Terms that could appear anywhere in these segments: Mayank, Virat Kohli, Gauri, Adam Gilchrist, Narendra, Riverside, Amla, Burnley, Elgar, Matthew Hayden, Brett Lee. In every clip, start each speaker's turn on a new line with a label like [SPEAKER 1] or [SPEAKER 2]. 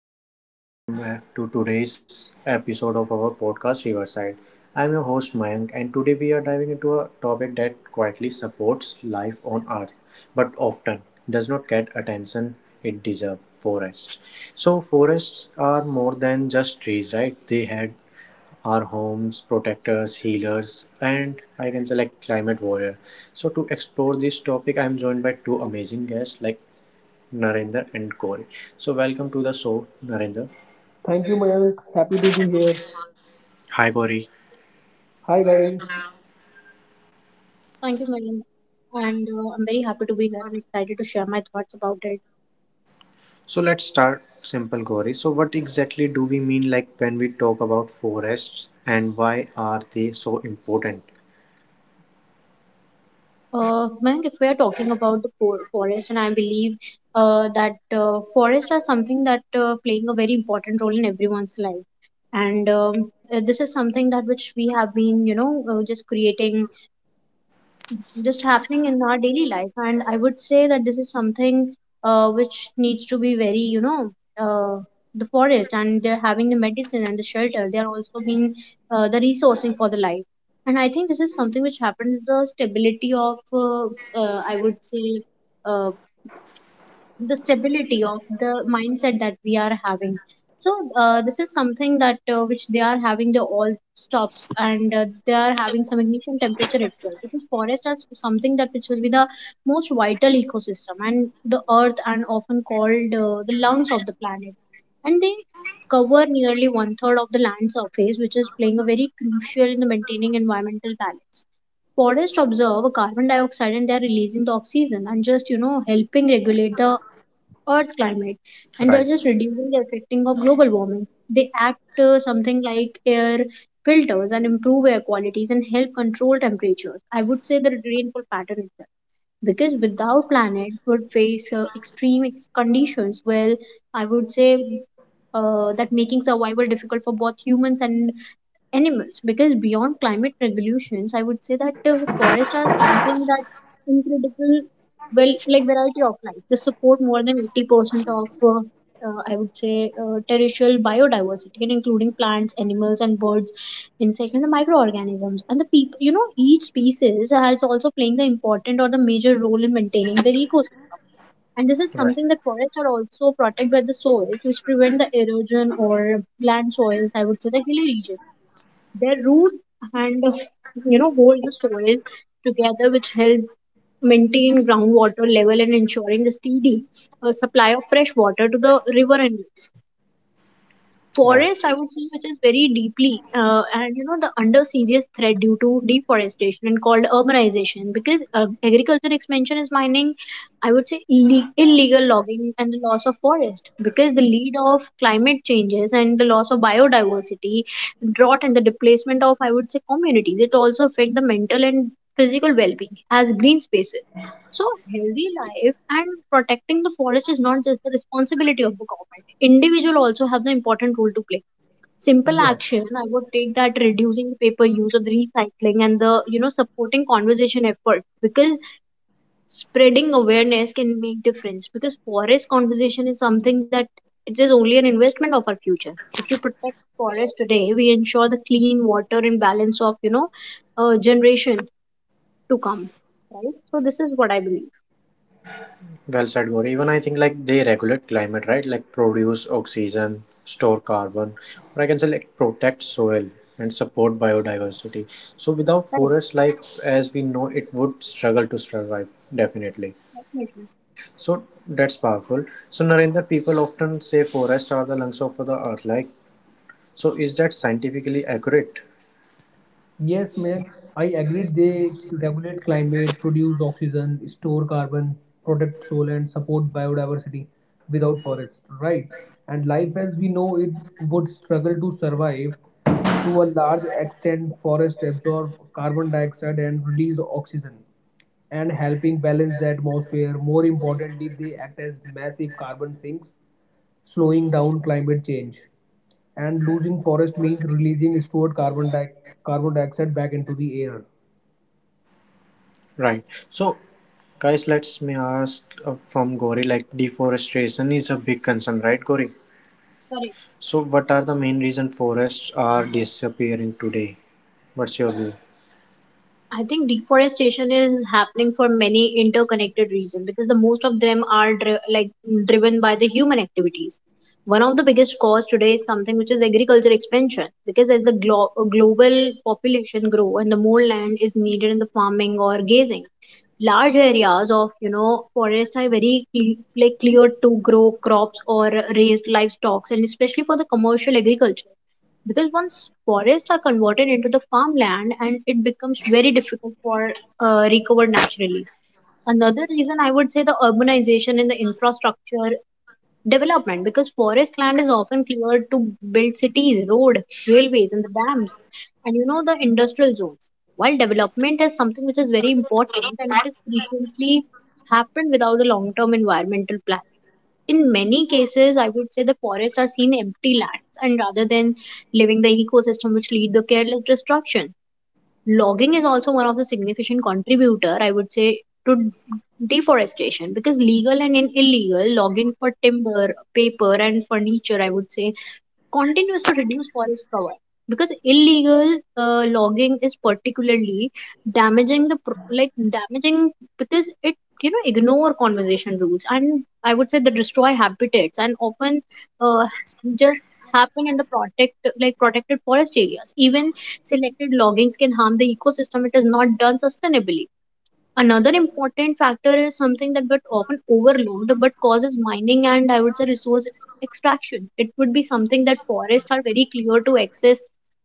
[SPEAKER 1] everyone, and welcome to today's episode of our podcast Riverside. I'm your host Mayank, and today we are diving into a topic that quietly supports life on Earth but often does not get attention it deserves forests. So, forests are more than just trees, right? They had our homes, protectors, healers, and I can say like climate warrior. So to explore this topic, I'm joined by two amazing guests like Narendra and Gauri. So welcome to the show, Narendra.
[SPEAKER 2] Thank you, Mayank. Happy to be here.
[SPEAKER 1] Hi Gauri.
[SPEAKER 2] Hi, Gauri.
[SPEAKER 3] Thank you, Mayank. And I'm very happy to be here and excited to share my thoughts about it.
[SPEAKER 1] So let's start simple Gauri. So what exactly do we mean like when we talk about forests and why are they so important?
[SPEAKER 3] Mayank, if we are talking about the forest, and I believe that forests are something that playing a very important role in everyone's life. And This is something that which we have been, just creating, just happening in our daily life. And I would say that this is something which needs to be very, uh, the forest, and they're having the medicine and the shelter. They are also being the resourcing for the life. And I think this is something which happened with the stability of, uh, I would say uh, the stability of the mindset that we are having. So this is something that which they are having the all stop. And they are having some ignition temperature itself, because forests are something that which will be the most vital ecosystem and the earth, and often called the lungs of the planet. And they cover nearly one third of the land surface, which is playing a very crucial in the maintaining environmental balance. Forests observe carbon dioxide and they are releasing the oxygen, and just helping regulate the Earth climate, and they're just
[SPEAKER 1] Right.
[SPEAKER 3] reducing the affecting of global warming. They act something like air filters and improve air qualities and help control temperatures. I would say the rainfall pattern itself. Because without planet would face extreme conditions. Well, I would say that making survival difficult for both humans and animals, because beyond climate regulations, I would say that forests are something that incredible, well, like variety of life. They support more than 80% of I would say terrestrial biodiversity, and including plants, animals and birds, insects and the microorganisms and the people. Each species has also playing the important or the major role in maintaining their ecosystem. And this is
[SPEAKER 1] Right.
[SPEAKER 3] something that forests are also protected by the soil, which prevent the erosion or land soils. I would say the hilly region, their root, and hold the soil together, which help maintain groundwater level and ensuring a steady supply of fresh water to the river and lakes.
[SPEAKER 1] Right.
[SPEAKER 3] Forest, I would say, which is very deeply and the under serious threat due to deforestation and called urbanization, because agriculture expansion is mining, I would say illegal logging and the loss of forest, because the lead of climate changes and the loss of biodiversity, drought and the displacement of, I would say, communities. It also affect the mental and physical well-being as green spaces. So healthy life, and protecting the forest is not just the responsibility of the government. Individual also have the important role to play. Simple
[SPEAKER 2] Yes.
[SPEAKER 3] action, I would take that reducing the paper use of recycling and the, supporting conservation effort, because spreading awareness can make difference, because forest conservation is something that it is only an investment of our future. If we protect forest today, we ensure the clean water and balance of, generation to come. Right. So this is what I believe.
[SPEAKER 1] Well said Gauri. Even I think like they regulate climate, right? Like produce oxygen, store carbon, or I can say like protect soil and support biodiversity. So without
[SPEAKER 3] Correct.
[SPEAKER 1] forest life as we know it would struggle to survive definitely.
[SPEAKER 3] Definitely.
[SPEAKER 1] So that's powerful. So Narendra, people often say forests are the lungs of the earth. Like, so is that scientifically accurate?
[SPEAKER 2] Yes, Mayank. I agreed. They regulate climate, produce oxygen, store carbon, protect soil, and support biodiversity without forests, right? And life as we know it would struggle to survive. To a large extent, forests absorb carbon dioxide and release oxygen and helping balance the atmosphere. More importantly, they act as massive carbon sinks, slowing down climate change. And losing forest means releasing stored carbon dioxide back into the air.
[SPEAKER 1] Right. So, guys, let's me ask from Gori. Like, deforestation is a big concern, right, Gori?
[SPEAKER 3] Correct.
[SPEAKER 1] So, what are the main reason forests are disappearing today? What's your view?
[SPEAKER 3] I think deforestation is happening for many interconnected reasons, because the most of them are like driven by the human activities. One of the biggest cause today is something which is agriculture expansion, because as the global population grow and the more land is needed in the farming or grazing, large areas of, forest are very like cleared to grow crops or raised livestock, and especially for the commercial agriculture, because once forests are converted into the farmland, and it becomes very difficult for recover naturally. Another reason, I would say, the urbanization and the infrastructure development, because forest land is often cleared to build cities, road, railways and the dams, and the industrial zones. While development is something which is very important, and it is frequently happened without the long term environmental planning. In many cases, I would say, the forests are seen empty lands, and rather than living the ecosystem, which lead the careless destruction. Logging is also one of the significant contributor, I would say, to deforestation, because legal and illegal logging for timber, paper, and furniture, I would say, continues to reduce forest cover, because illegal logging is particularly damaging the damaging, because it ignore conservation rules, and I would say they destroy habitats, and often uh, just happen in the protected forest areas. Even selected loggings can harm the ecosystem it is not done sustainably. Another important factor is something that but often overlooked but causes mining, and I would say resource extraction. It would be something that forests are very clear to access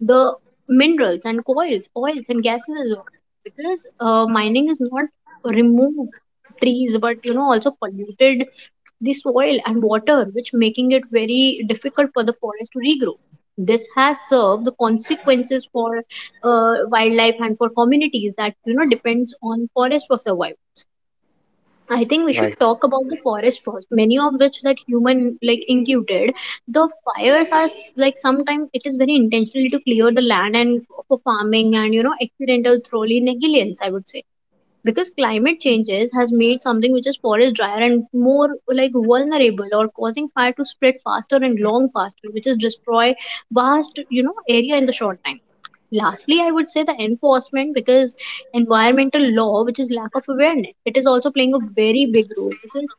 [SPEAKER 3] the minerals and coils, oils and gases as well. Because mining is not remove trees, but also polluted the soil and water, which making it very difficult for the forest to regrow. This has served the consequences for wildlife and for communities that depends on forest for survival. I think we should
[SPEAKER 1] Right.
[SPEAKER 3] talk about the forest first. Many of which that human like incubated. The fires are like sometimes it is very intentionally to clear the land and for farming and, accidental thoroughly negligence. I would say because climate changes has made something which is forest drier and more like vulnerable, or causing fire to spread faster and long faster, which is destroy vast, area in the short time. Lastly, I would say the enforcement, because environmental law which is lack of awareness, it is also playing a very big role, because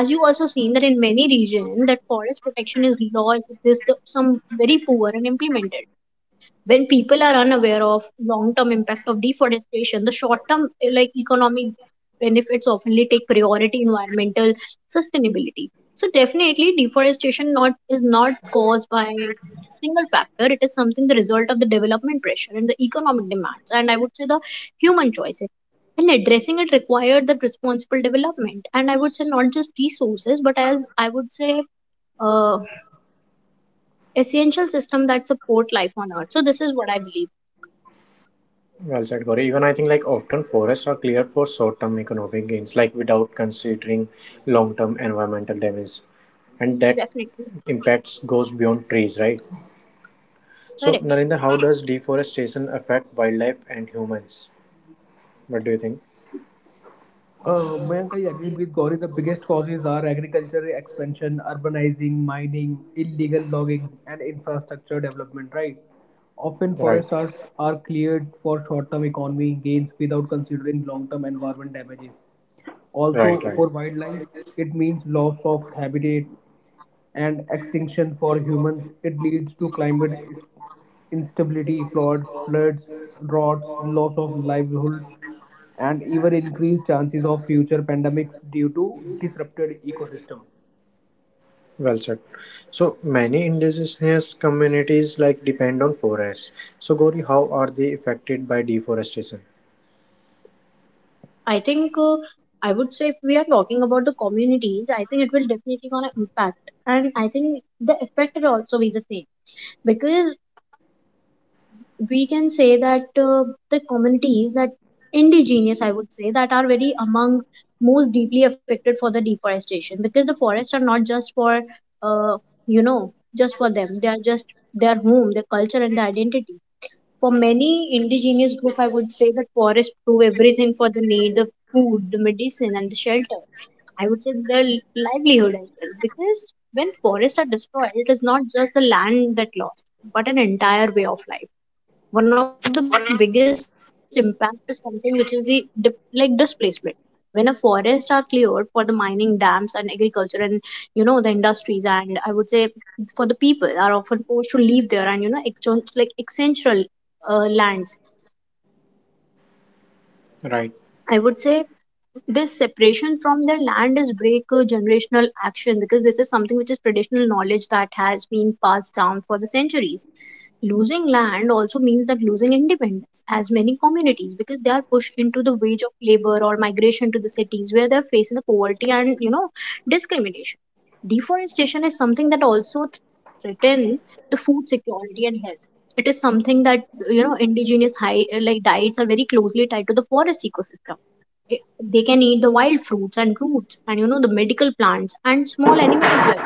[SPEAKER 3] as you also seen that in many region, that forest protection is law exists, some very poor and implemented. When people are unaware of long term impact of deforestation, the short term like economic benefits oftenly take priority environmental sustainability. So definitely deforestation not is not caused by single factor. It is something the result of the development pressure and the economic demands, and I would say the human choices. And addressing it required that responsible development, and I would say not just resources, but as I would say uh, essential system that support life on earth. So this is what I believe.
[SPEAKER 1] Well said, Gauri. Even I think like often forests are cleared for short-term economic gains, like without considering long-term environmental damage, and that
[SPEAKER 3] Definitely.
[SPEAKER 1] impacts goes beyond trees, right? So,
[SPEAKER 3] Correct.
[SPEAKER 1] Narinder, how does deforestation affect wildlife and humans? What do you think?
[SPEAKER 2] Mayank, I agreed with Gauri. The biggest causes are agriculture expansion, urbanizing, mining, illegal logging, and infrastructure development, right? Often,
[SPEAKER 1] Right,
[SPEAKER 2] are cleared for short term economy gains without considering long term environment damages.
[SPEAKER 1] right,
[SPEAKER 2] Also,
[SPEAKER 1] right.
[SPEAKER 2] for wildlife, it means loss of habitat and extinction for humans. It leads to instability, floods, droughts, loss of livelihood, and even increased chances of future pandemics due to disrupted ecosystem.
[SPEAKER 1] Well said. So many indigenous communities like depend on forests. So Gauri, how are they affected by deforestation?
[SPEAKER 3] I think uh, I would say if we are talking about the communities, I think it will definitely gonna impact, and I think the effect will also be the same, because we can say that the communities that indigenous, I would say, that are very among most deeply affected for the deforestation, because the forests are not just for uh, just for them; they are just their home, their culture, and their identity. For many indigenous group, I would say that forests prove everything for the need, the food, the medicine, and the shelter. I would say the livelihood as well, because when forests are destroyed, it is not just the land that lost, but an entire way of life. One of the biggest impact is something which is the like displacement. When a forest are cleared for the mining, dams, and agriculture, and the industries, and I would say for the people are often forced to leave there, and exchange like essential lands,
[SPEAKER 1] Right.
[SPEAKER 3] I would say. This separation from their land is break generational action, because this is something which is traditional knowledge that has been passed down for the centuries. Losing land also means that losing independence as many communities, because they are pushed into the wage of labor or migration to the cities where they're facing the poverty and, discrimination. Deforestation is something that also threaten the food security and health. It is something that, indigenous high, like diets are very closely tied to the forest ecosystem. They can eat the wild fruits and roots and, the medical plants and small animal as well.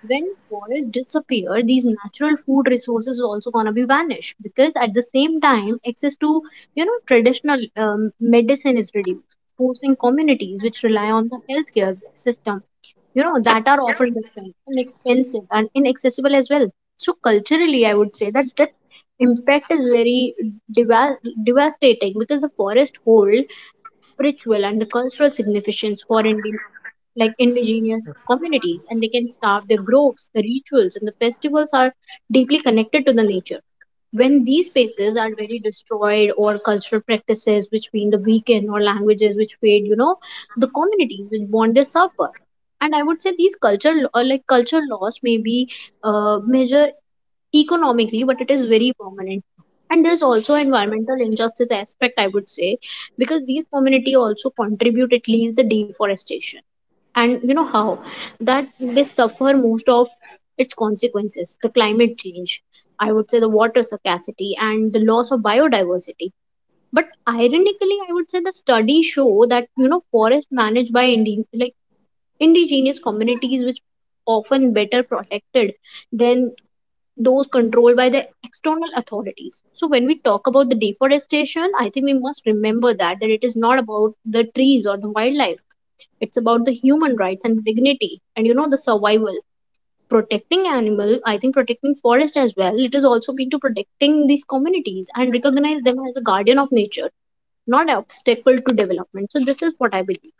[SPEAKER 3] When forests disappear, these natural food resources is also going to be vanished, because at the same time access to, traditional medicine is reduced, forcing communities which rely on the healthcare system, that are often different and expensive and inaccessible as well. So culturally, I would say that that impact is very deva- devastating, because the forest hold spiritual and the cultural significance for Indian like indigenous communities, and they can start their groves, the rituals and the festivals are deeply connected to the nature. When these spaces are very destroyed, or cultural practices which mean the weaken or languages which fade, the communities which bond, they suffer. And I would say these culture lo- like culture loss may be measure economically, but it is very permanent. And there's also environmental injustice aspect, I would say, because these community also contribute at least the deforestation. And you know how that they suffer most of its consequences, the climate change, I would say the water scarcity and the loss of biodiversity. But ironically, I would say the studies show that forest managed by indigenous communities, which often better protected than those controlled by the external authorities. So when we talk about the deforestation, I think we must remember that it is not about the trees or the wildlife. It's about the human rights and dignity and the survival. Protecting animal, I think protecting forest as well. It is also been to protecting these communities and recognize them as a guardian of nature, not an obstacle to development. So this is what I believe.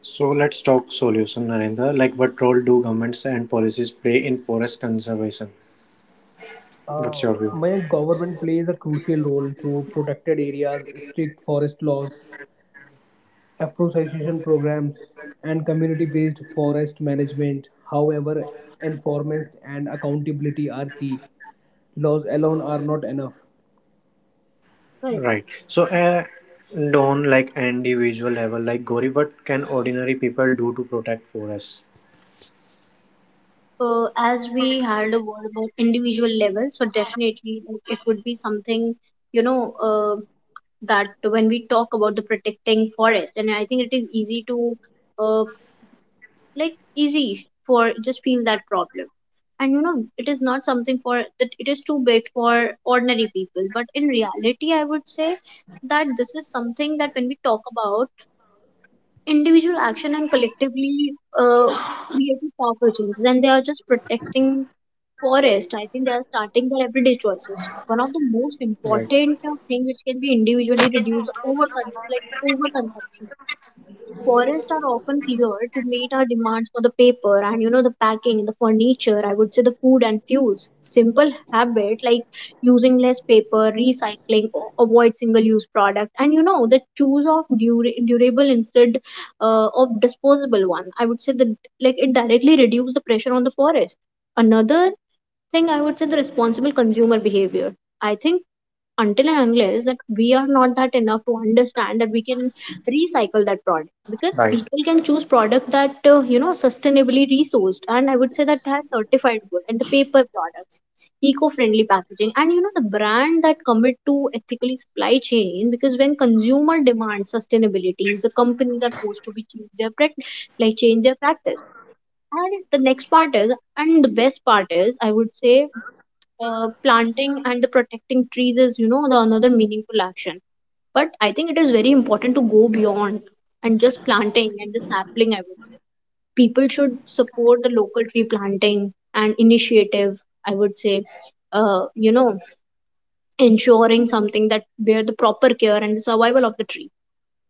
[SPEAKER 1] So let's talk solution, Narendra. Like what role do governments and policies play in forest conservation? What's your view?
[SPEAKER 2] My government plays a crucial role through protected areas, strict forest laws, afforestation programs, and community-based forest management. However, enforcement and accountability are key. Laws alone are not enough.
[SPEAKER 3] Correct.
[SPEAKER 1] Right. So, don't like individual level, like Gauri, what can ordinary people do to protect forests?
[SPEAKER 3] As we had a word about individual level, so definitely like, it would be something you know uh, that when we talk about the protecting forest and I think it is easy to uh, like easy for just feel that problem and it is not something for that it is too big for ordinary people, but in reality I would say that this is something that when we talk about individual action and collectively uh, creative power changes and they are just protecting forest, I think they are starting their everyday choices. One of the most
[SPEAKER 1] Right.
[SPEAKER 3] important thing which can be individually reduced over like overconsumption. Forests are often cleared to meet our demands for the paper and the packing, the furniture. I would say the food and fuels. Simple habit like using less paper, recycling, avoid single-use product, and the choose of durable instead of disposable one. I would say that like it directly reduce the pressure on the forest another think I would say the responsible consumer behavior. I think until and unless that we are not that enough to understand that we can recycle that product because
[SPEAKER 1] Right.
[SPEAKER 3] people can choose product that sustainably resourced, and I would say that has certified good and the paper products, eco-friendly packaging and the brand that commit to ethically supply chain because when consumer demand sustainability, the companies are forced to be change their change their practice. And the next part is, and the best part is, I would say planting and the protecting trees is the another meaningful action, but I think it is very important to go beyond and just planting and the sapling. I would say people should support the local tree planting and initiative. I would say uh, you know ensuring something that where the proper care and the survival of the tree,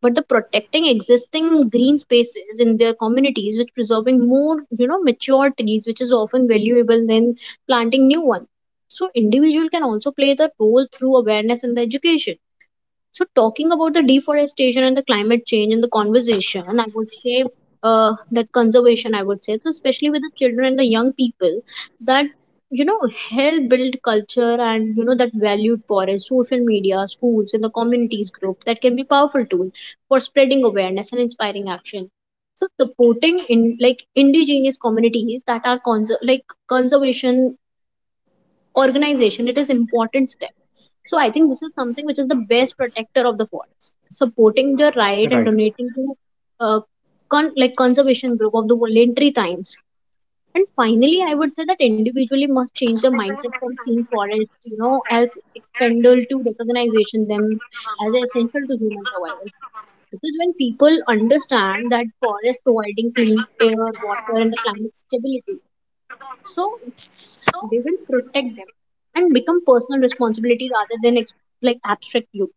[SPEAKER 3] but the protecting existing green spaces in their communities which preserving more mature trees which is often valuable than planting new ones. So individual can also play the role through awareness and the education. So, talking about the deforestation and the climate change in the conversation, I would say that conservation, I would say, so especially with the children and the young people, that you know help build culture and that valued forest, social media, schools, and the communities group that can be powerful tool for spreading awareness and inspiring action. So, supporting in like indigenous communities that are conservation organization, it is important step. So I think this is something which is the best protector of the forest. Supporting the right and
[SPEAKER 1] Right.
[SPEAKER 3] donating to uh, conservation group of the voluntary times. And finally, I would say that individually must change their mindset from seeing forest, you know, as expendable to recognization them as essential to human survival. Because when people understand that forest providing clean air, water, and the climate stability, so they will protect them and become personal responsibility rather than abstract use.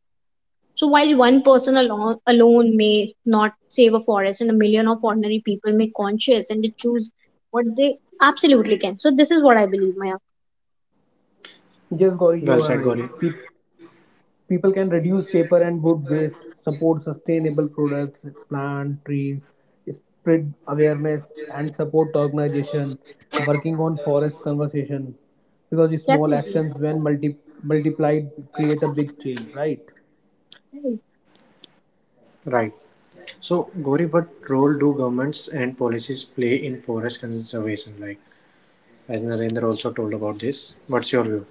[SPEAKER 3] So while one person alone, may not save a forest, and a million of ordinary people may conscious and they choose what they absolutely can. So this is what I believe, Maya.
[SPEAKER 2] Yes, Gauri, you are
[SPEAKER 1] Well said,
[SPEAKER 2] right.
[SPEAKER 1] Gauri.
[SPEAKER 2] People can reduce paper and wood waste, support sustainable products, plant trees, spread awareness, and support organization working on forest conservation. Because the small
[SPEAKER 3] Definitely.
[SPEAKER 2] actions, when multiplied, create a big change. Right?
[SPEAKER 1] Right. So, Gauri, what role do governments and policies play in forest conservation? Like, as Narendra also told about this, what's your view?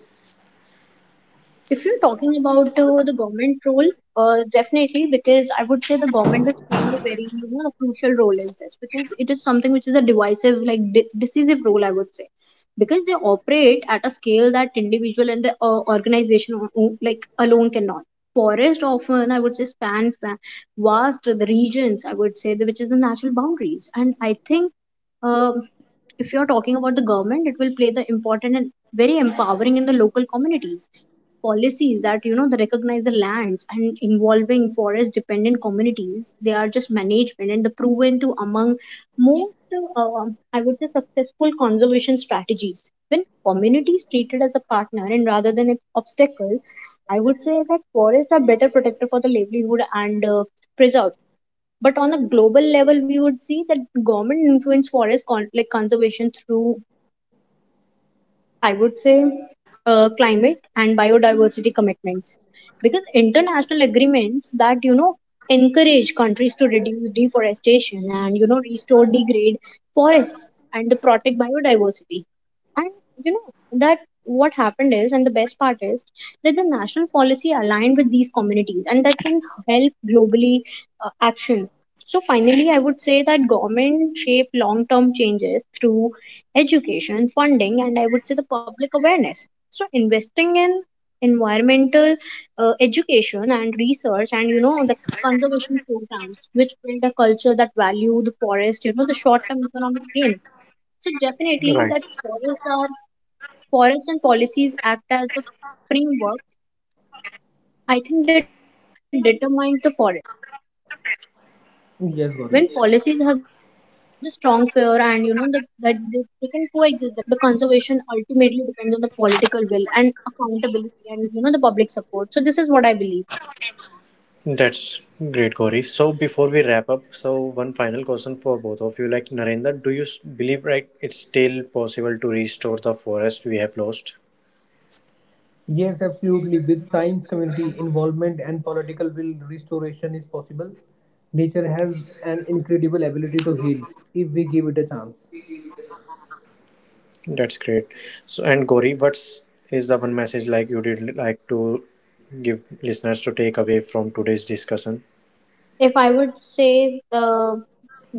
[SPEAKER 3] If you're talking about the government role, definitely because I would say the government is playing a very a crucial role is this because it is something which is a decisive role, I would say, because they operate at a scale that individual and the organization alone cannot. Forest often, I would say, span vast the regions, I would say which is the natural boundaries, and I think um, if you're talking about the government, it will play the important and very empowering in the local communities policies that they recognize the lands and involving forest dependent communities they are just management and the proven to among most uh, I would say successful conservation strategies. When communities treated as a partner and rather than an obstacle, I would say that forests are better protected for the livelihood and preserved. But on a global level, we would see that government influence forest conservation through, I would say, climate and biodiversity commitments because international agreements that encourage countries to reduce deforestation and restore degrade forests and to protect biodiversity. And that what happened is and the best part is that the national policy aligned with these communities and that can help globally action. So finally, I would say that government shape long term changes through education, funding, and I would say the public awareness. So investing in environmental education and research and the conservation programs which build a culture that value the forest the short term economic gain. So definitely
[SPEAKER 1] Right.
[SPEAKER 3] that forests are forests, and policies act as the framework, I think, that determines the forest. When policies have the strong fear and that they
[SPEAKER 2] Yes,
[SPEAKER 3] can
[SPEAKER 2] Gauri.
[SPEAKER 3] coexist the development when they are weak or ignored, and the conservation ultimately depends on the political will and accountability and the public support. So this is what I believe.
[SPEAKER 1] That's great, Gauri. So before we wrap up, so one final question for both of you. Like Narendra, do you believe right it's still possible to restore the forest we have lost?
[SPEAKER 2] Yes, absolutely. With science community involvement and political will, restoration is possible. Nature has an incredible ability to heal if we give it a chance.
[SPEAKER 1] That's great. So, and Gauri, what's is the one message like you did like to give listeners to take away from today's discussion?
[SPEAKER 3] If I would say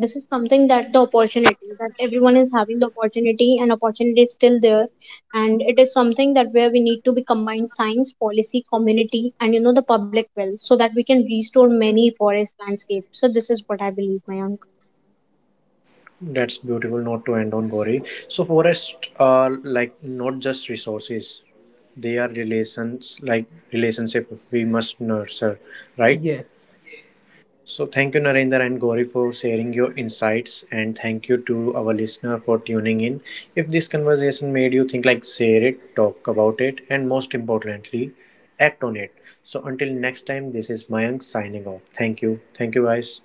[SPEAKER 3] this is something that the opportunity that everyone is having the opportunity and opportunity is still there, and it is something that where we need to be combined science policy community and the public will so that we can restore many forest landscapes. So this is what I believe, Mayank.
[SPEAKER 1] That's beautiful. Not to end on Gauri. So, forests are like not just resources; they are relations, like relationship we must nurture, right?
[SPEAKER 2] Yes.
[SPEAKER 1] So thank you, Narendra and Gauri, for sharing your insights, and thank you to our listener for tuning in. If this conversation made you think, like share it, talk about it, and most importantly, act on it. So until next time, this is Mayank signing off. Thank you, guys.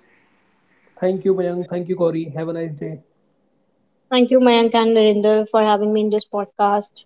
[SPEAKER 2] Thank you, Mayank. Thank you, Corey. Have a nice day.
[SPEAKER 3] Thank you, Mayank and Narinder, for having me in this podcast.